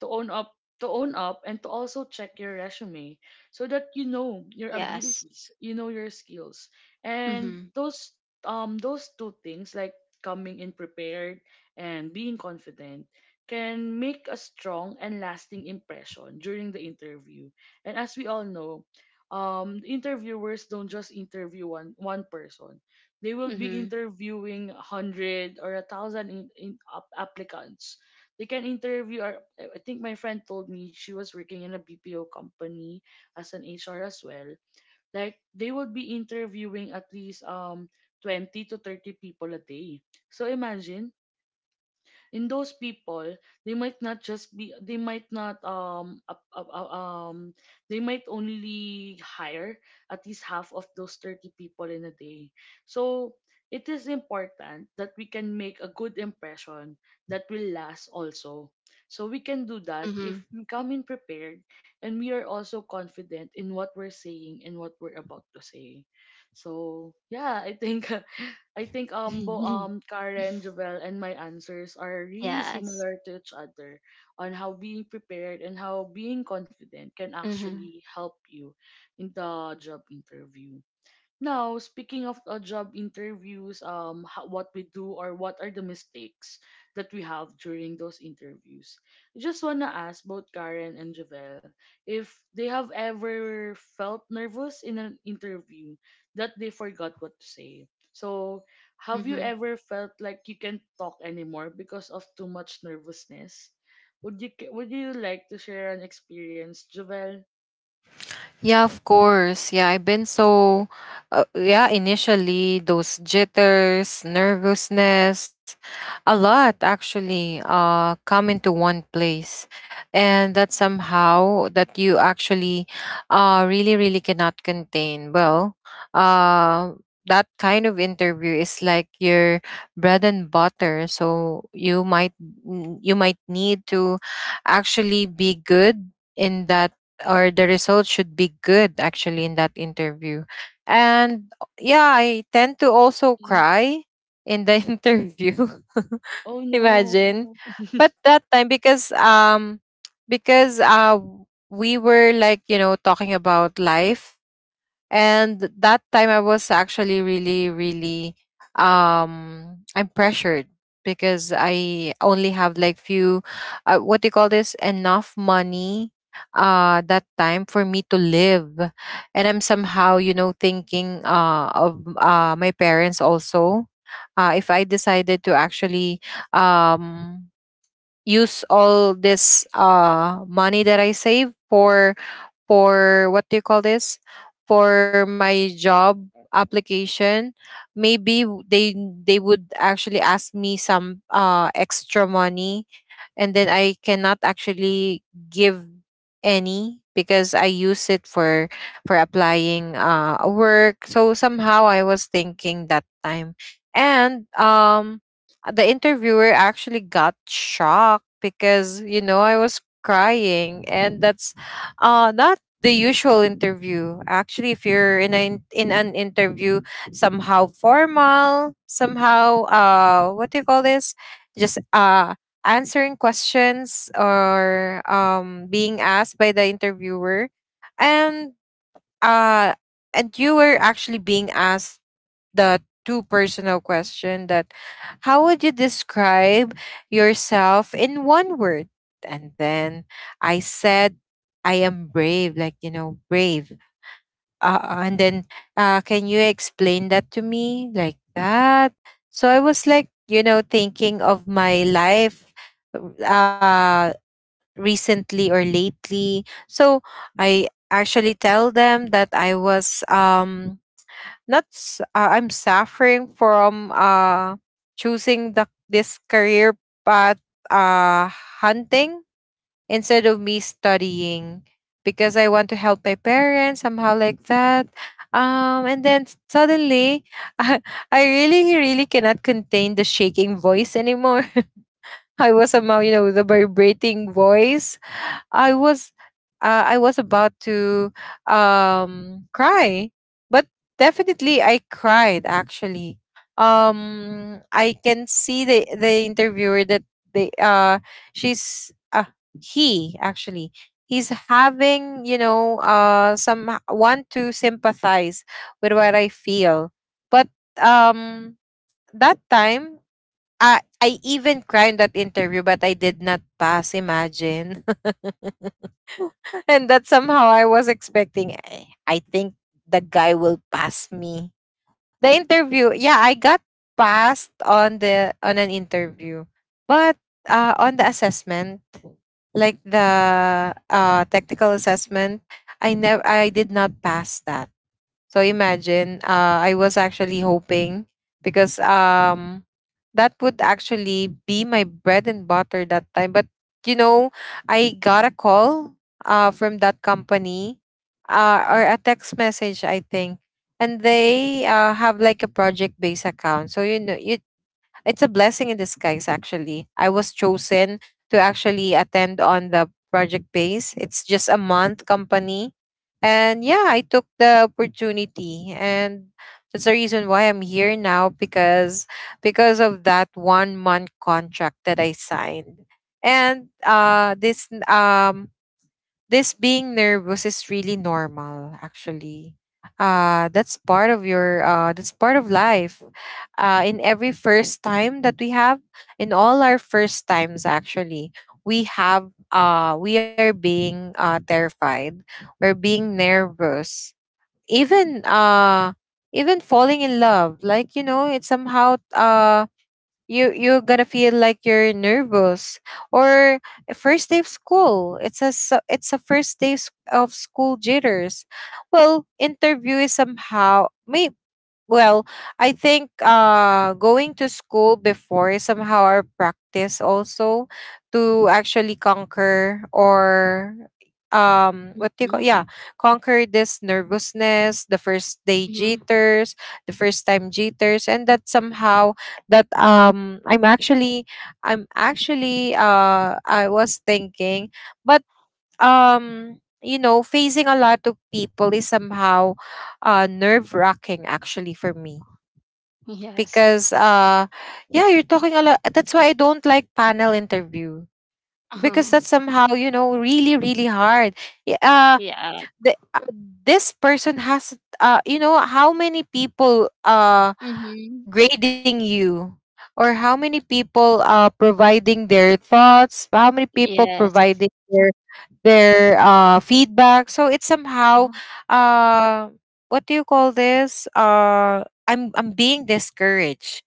to own up, to own up and to also check your resume, so that you know your Yes. abilities, you know your skills. And Mhm. those um those two things, like coming in prepared and being confident, can make a strong and lasting impression during the interview. And as we all know, um interviewers don't just interview one one person. They will be Mhm. interviewing one hundred or a one thousand in, in up- applicants they can interview. Or I I think my friend told me she was working in a B P O company as an H R as well. Like they would be interviewing at least um twenty to thirty people a day. So imagine, in those people, they might not just be they might not um up- up- up- um they might only hire at least half of those thirty people in a day. So it is important that we can make a good impression that will last also. So we can do that if Mhm. we come in prepared, and we are also confident in what we're saying and what we're about to say. So yeah, I think I think um, Bo, um Karen, Jovel, and my answers are really Yes. similar to each other on how being prepared and how being confident can actually Mhm. help you in the job interview. Now, speaking of uh, job interviews, um, ho- what we do, or what are the mistakes that we have during those interviews? I just wanna ask both Karen and Javel if they have ever felt nervous in an interview that they forgot what to say. So, have you Mhm. ever felt like you can't talk anymore because of too much nervousness? Would you ca- would you like to share an experience, Javel? Yeah, of course. Yeah, I've been so, uh, yeah, initially those jitters, nervousness, a lot actually uh, come into one place. And that somehow that you actually uh, really, really cannot contain. Well, uh, that kind of interview is like your bread and butter. So, you might, you might need to actually be good in that, or the results should be good actually in that interview. And yeah, I tend to also Mhm. cry in the interview. Oh Imagine. no. But that time, because um because uh we were, like, you know, talking about life. And that time I was actually, really really, um I'm pressured, because I only have like few, uh, what do you call this, enough money uh that time for me to live. And I'm somehow, you know, thinking uh of uh my parents also. Uh if I decided to actually um use all this uh money that I save for, for what do you call this, for my job application. Maybe w- they, they would actually ask me some uh extra money, and then I cannot actually give any, because I use it for, for applying uh work. So somehow I was thinking that time. And um the interviewer actually got shocked, because, you know, I was crying, and that's uh not the usual interview. Actually, if you're in an in an interview, somehow formal, somehow, uh, what do you call this? Just uh, answering questions, or um being asked by the interviewer. And, uh, and you were actually being asked the two personal question, that how would you describe yourself in one word? And then I said, I am brave, like, you know, brave. Uh, and then, uh, can you explain that to me, like that? So I was, like, you know, thinking of my life, uh, recently or lately. So I actually tell them that I was um, not s- uh, I'm suffering from uh choosing the this career path, uh hunting, instead of me studying, because I want to help my parents somehow, like that. Um and then, s- suddenly, I I really really cannot contain the shaking voice anymore. I was somehow, you know, the vibrating voice. I was uh, I was about to um cry, but definitely I cried actually. Um, I can see the the interviewer, that they uh she's uh he actually he's having, you know, uh some, want to sympathize with what I feel. But um that time, I, I even cried in that interview, but I did not pass. Imagine. And that somehow I was expecting. I, I think the guy will pass me. The interview, yeah, I got passed on the on an interview, but uh, on the assessment, like the, uh, technical assessment, I never, I did not pass that. So imagine, uh, I was actually hoping, because um that would actually be my bread and butter that time. But, you know, I got a call, uh, from that company, uh, or a text message, I think. And they uh, have like a project based account. So, you know, you it's a blessing in disguise, actually. I was chosen to actually attend on the project base. It's just a month company. And yeah, I took the opportunity, and that's the reason why I'm here now, because because of that one month contract that I signed. And uh this, um this being nervous is really normal, actually. Uh that's part of your, uh that's part of life, uh in every first time that we have, in all our first times actually. We have uh we are being uh terrified. We're being nervous. Even uh even falling in love, like, you know, it's somehow, uh you you're gonna feel like you're nervous. Or a first day of school. It's a s- it's a first day s- of school jitters. Well, interview is somehow, may well, I think, uh going to school before somehow our practice also, to actually conquer, or um what do you call yeah Mhm. conquer this nervousness, the first day Mhm. jitters, the first time jitters. And that somehow that, um i'm actually i'm actually uh I was thinking. But um you know, facing a lot of people is somehow uh nerve wracking, actually, for me, Yes. because, uh yeah, you're talking a lot. That's why I don't like panel interview, because Oh, that's somehow, you know, really really hard. Y- uh yeah. the, uh, this person has, uh you know, how many people uh Mhm. grading you, or how many people are providing their thoughts, how many people Yes. providing their their uh, feedback. So it's somehow, Uh-huh. uh, what do you call this, uh, i'm i'm being discouraged,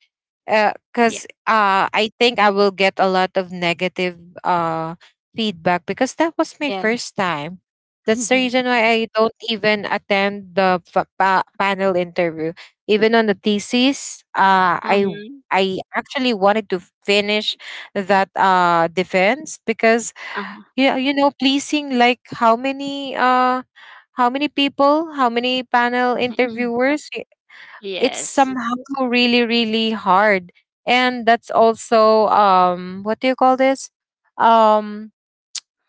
Yeah. because, uh, uh, I think I will get a lot of negative, uh, feedback, because that was my Yeah. first time. That's the reason why I don't even attend the fa- pa- panel interview, even on the thesis. uh uh I I actually wanted to finish that uh defense, because Uh-huh. Uh-huh. yeah, you know, pleasing like, how many, uh how many people, how many panel interviewers, i- it's Yes. somehow really really hard. And that's also, um what do you call this, um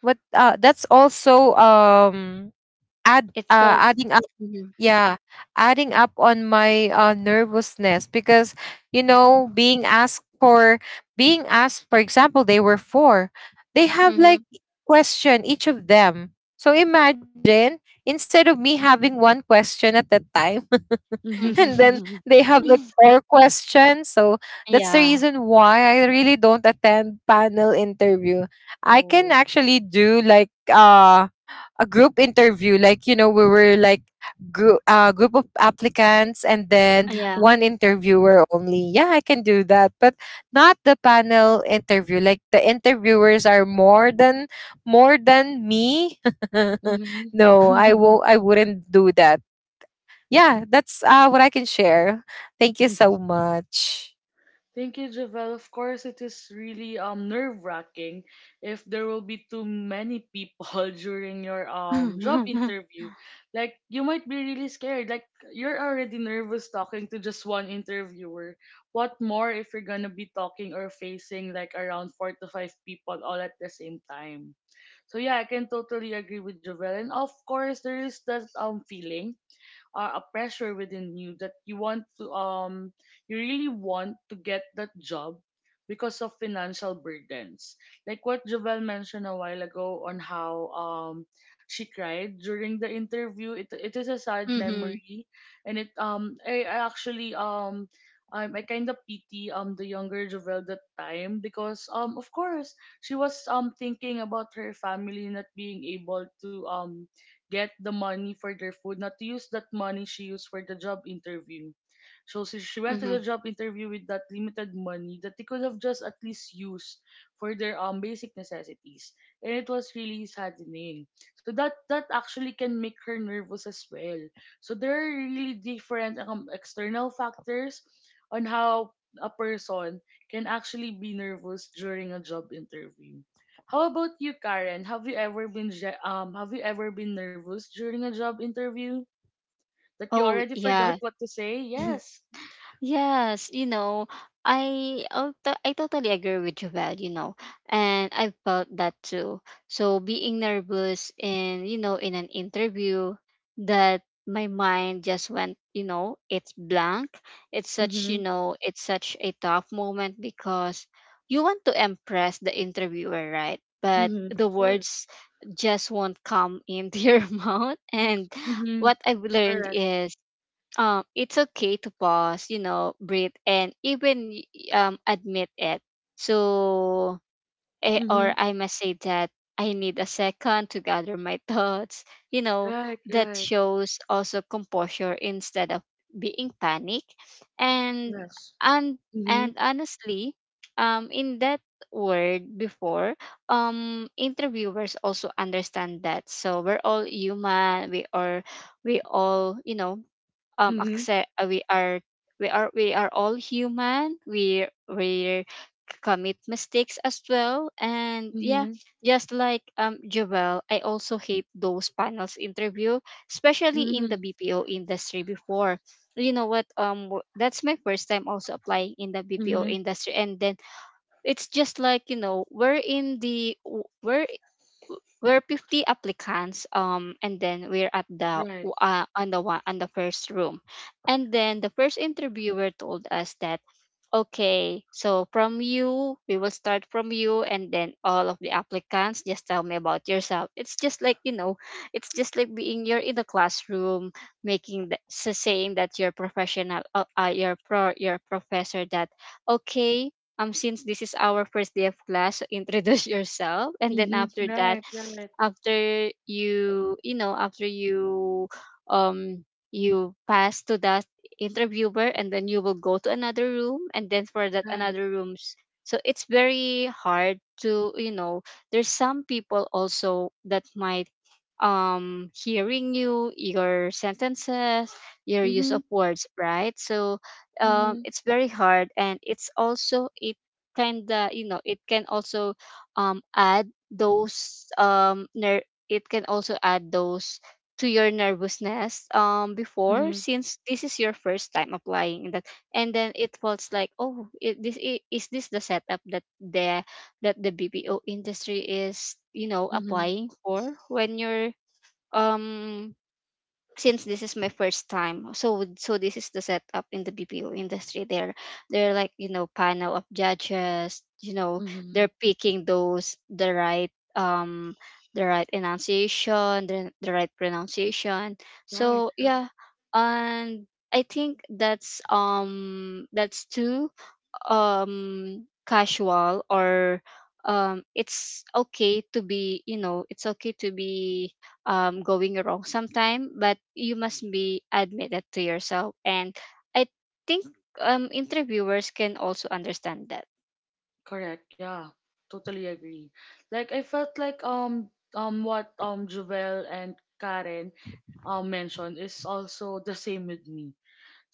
what uh that's also um add It uh felt. adding up. Mhm. Yeah, adding up on my, uh, nervousness, because, you Yeah. know, being asked for being asked, for example, they were four, they have like Mhm. question each of them, so imagine, instead of me having one question at that time. And then Mhm. they have like four questions. So that's the Yeah. reason why I really don't attend panel interview. I can Oh. actually do like, uh a group interview. Like, you know, we were like, group uh, group of applicants, and then Mhm. Yeah. one interviewer only. Yeah, I can do that. But not the panel interview, like the interviewers are more than, more than me. Mhm. No, i won't I wouldn't do that. Yeah, that's, uh, what I can share. Thank you so much. Thank you, Javel. Of course, it is really um nerve wracking if there will be too many people during your um job interview. Like you might be really scared. Like you're already nervous talking to just one interviewer. What more if you're gonna be talking or facing like around four to five people all at the same time? So yeah, I can totally agree with Javel. And of course, there is that um feeling uh, a pressure within you that you want to um you really want to get that job because of financial burdens, like what Javel mentioned a while ago on how um she cried during the interview. It it is a sad Mhm. memory, and it um I, I actually um um, I kind of pity um the younger Javel that time, because um of course she was um thinking about her family not being able to um get the money for their food, not to use that money she used for the job interview. So she, she went to the Mhm. job interview with that limited money that they could have just at least used for their um basic necessities. And it was really saddening. So that that actually can make her nervous as well. So there are really different um, external factors on how a person can actually be nervous during a job interview. How about you, Karen? Have you ever been je- um have you ever been nervous during a job interview that you Oh, already forgot yeah. what to say? Yes. Yes, you know, I oh, to- I totally agree with you, Val, you know, and I felt that too. So being nervous in, you know, in an interview, that my mind just went, you know, it's blank. It's such, you Mhm. know, it's such a tough moment because you want to impress the interviewer, right? But Mhm. the Of course. words just won't come into your mouth. And Mhm. what I've learned Correct. is um, it's okay to pause, you know, breathe, and even y- um, admit it. So, eh, or Mhm. I must say that I need a second to gather my thoughts. You know, Right. that Right. shows also composure instead of being panic, and Yes. and and Mhm. honestly, um, in that word before um interviewers also understand that. So we're all human, we are, we all, you know, um Mhm. accept uh, we are we are we are all human. We we commit mistakes as well. And yeah, Mhm. just like um Joel, I also hate those panels interview, especially in the Mhm. B P O industry before. You know what, um w- that's my first time also applying in the B P O Mhm. industry, and then it's just like, you know, we're in the w- we're we're fifty applicants, um, and then we're at the Right. uh, on the one on the first room. And then the first interviewer told us that, "Okay, so from you, we will start from you and then all of the applicants. Just tell me about yourself." It's just like, you know, it's just like being you're in the classroom, making the so saying that you're professional, uh, uh, your pro, your professor that, okay, um, since this is our first day of class, so introduce yourself. And then Mhm. after that, Right. Right. after you, you know, after you, um, you pass to that interviewer, and then you will go to another room, and then for that Right. another rooms. So it's very hard to, you know, there's some people also that might um hearing you your sentences, your use Mhm. of words, right? So um Mhm. it's very hard, and it's also, it kind of, you know, it can also um add those, um ner- it can also add those to your nervousness um before, Mhm. since this is your first time applying that. And then it was like, oh, it, this i- is this the setup that the that the B P O industry is, you know, Mhm. applying for when you're um since this is my first time, so would-, so this is the setup in the BPO industry. They're they're like, you know, panel of judges, you know, they're Mhm. picking those the right um the right enunciation, the, the right pronunciation. Right. So yeah. And I think that's um that's two um casual or um it's okay to be, you know, it's okay to be um going wrong sometime, but you must be admitted to yourself. And I think um interviewers can also understand that. Correct. Yeah. Totally agree. Like I felt like um um what um Jovel and Karen um mentioned is also the same with me.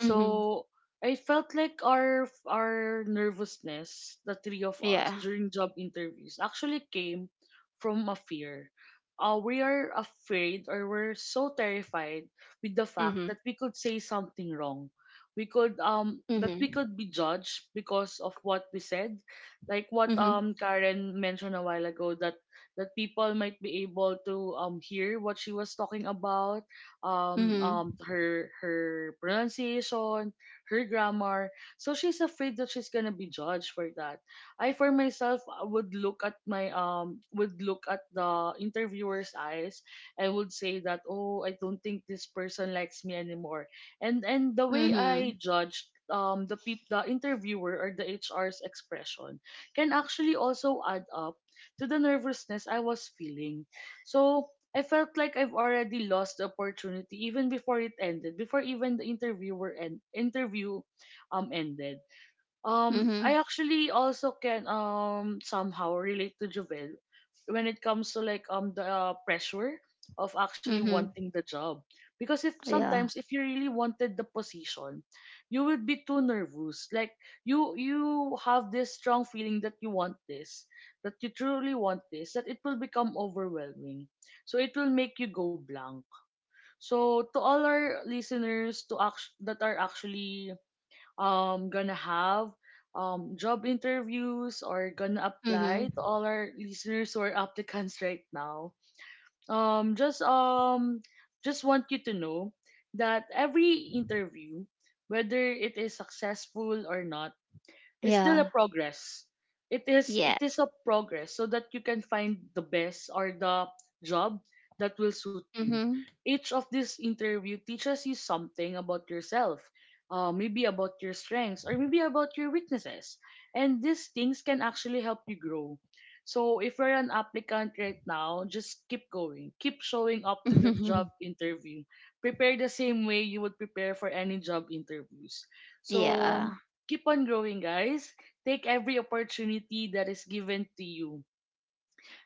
Mm-hmm. I felt like our our nervousness, the three of us Yeah. during job interviews, actually came from a fear. Uh, we are afraid, or we're so terrified with the fact Mm-hmm. that we could say something wrong. We could um that Mm-hmm. we could be judged because of what we said. Like what Mm-hmm. um Karen mentioned a while ago, that that people might be able to um hear what she was talking about, um, Mm-hmm. um, her her pronunciation, her grammar. So she's afraid that she's gonna be judged for that. I, for myself, uh, would look at my um would look at the interviewer's eyes and would say that oh, I don't think this person likes me anymore. And and the way I Mm-hmm. judged um the peop- the interviewer or the H R's expression can actually also add up to the nervousness I was feeling. So I felt like I've already lost the opportunity even before it ended, before even the interviewer and interview um ended. Um, I Mm-hmm. actually also can um somehow relate to Jovel when it comes to like um the uh, pressure of actually Mm-hmm. wanting the job, because if Yeah. sometimes if you really wanted the position, you would be too nervous. Like you you have this strong feeling that you want this, that you truly want this, that it will become overwhelming, so it will make you go blank. So to all our listeners, to act- that are actually um gonna have um job interviews or gonna apply, Mm-hmm. to all our listeners or applicants right now, um just um just want you to know that every interview, whether it is successful or not, it's still a Yeah. progress. It is it is Yes. a progress, so that you can find the best or the job that will suit you. Mm-hmm. Each of this interview teaches you something about yourself, uh, maybe about your strengths or maybe about your weaknesses, and these things can actually help you grow. So if you're an applicant right now, just keep going, keep showing up to that job Mm-hmm. interview. Prepare the same way you would prepare for any job interviews. So Yeah. keep on growing, guys. Take every opportunity that is given to you.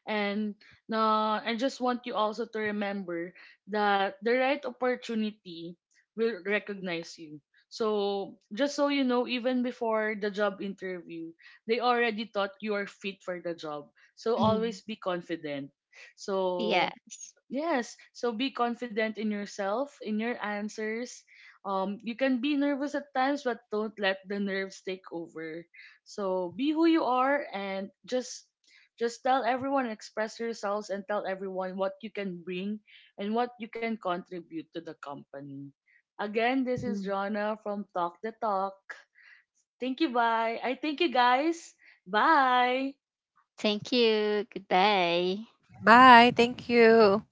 And uh, I just want you also to remember that the right opportunity will recognize you. So, just so you know, even before the job interview, they already thought you are fit for the job. So, Mm-hmm. always be confident. So, Yes. yes. So be confident in yourself, in your answers. Um, you can be nervous at times, but don't let the nerves take over. So be who you are, and just just tell everyone, express yourselves and tell everyone what you can bring and what you can contribute to the company. Again, this is Mm-hmm. Jonna from Talk the Talk. Thank you, bye. I thank you guys. Bye. Thank you. Goodbye. Bye, thank you.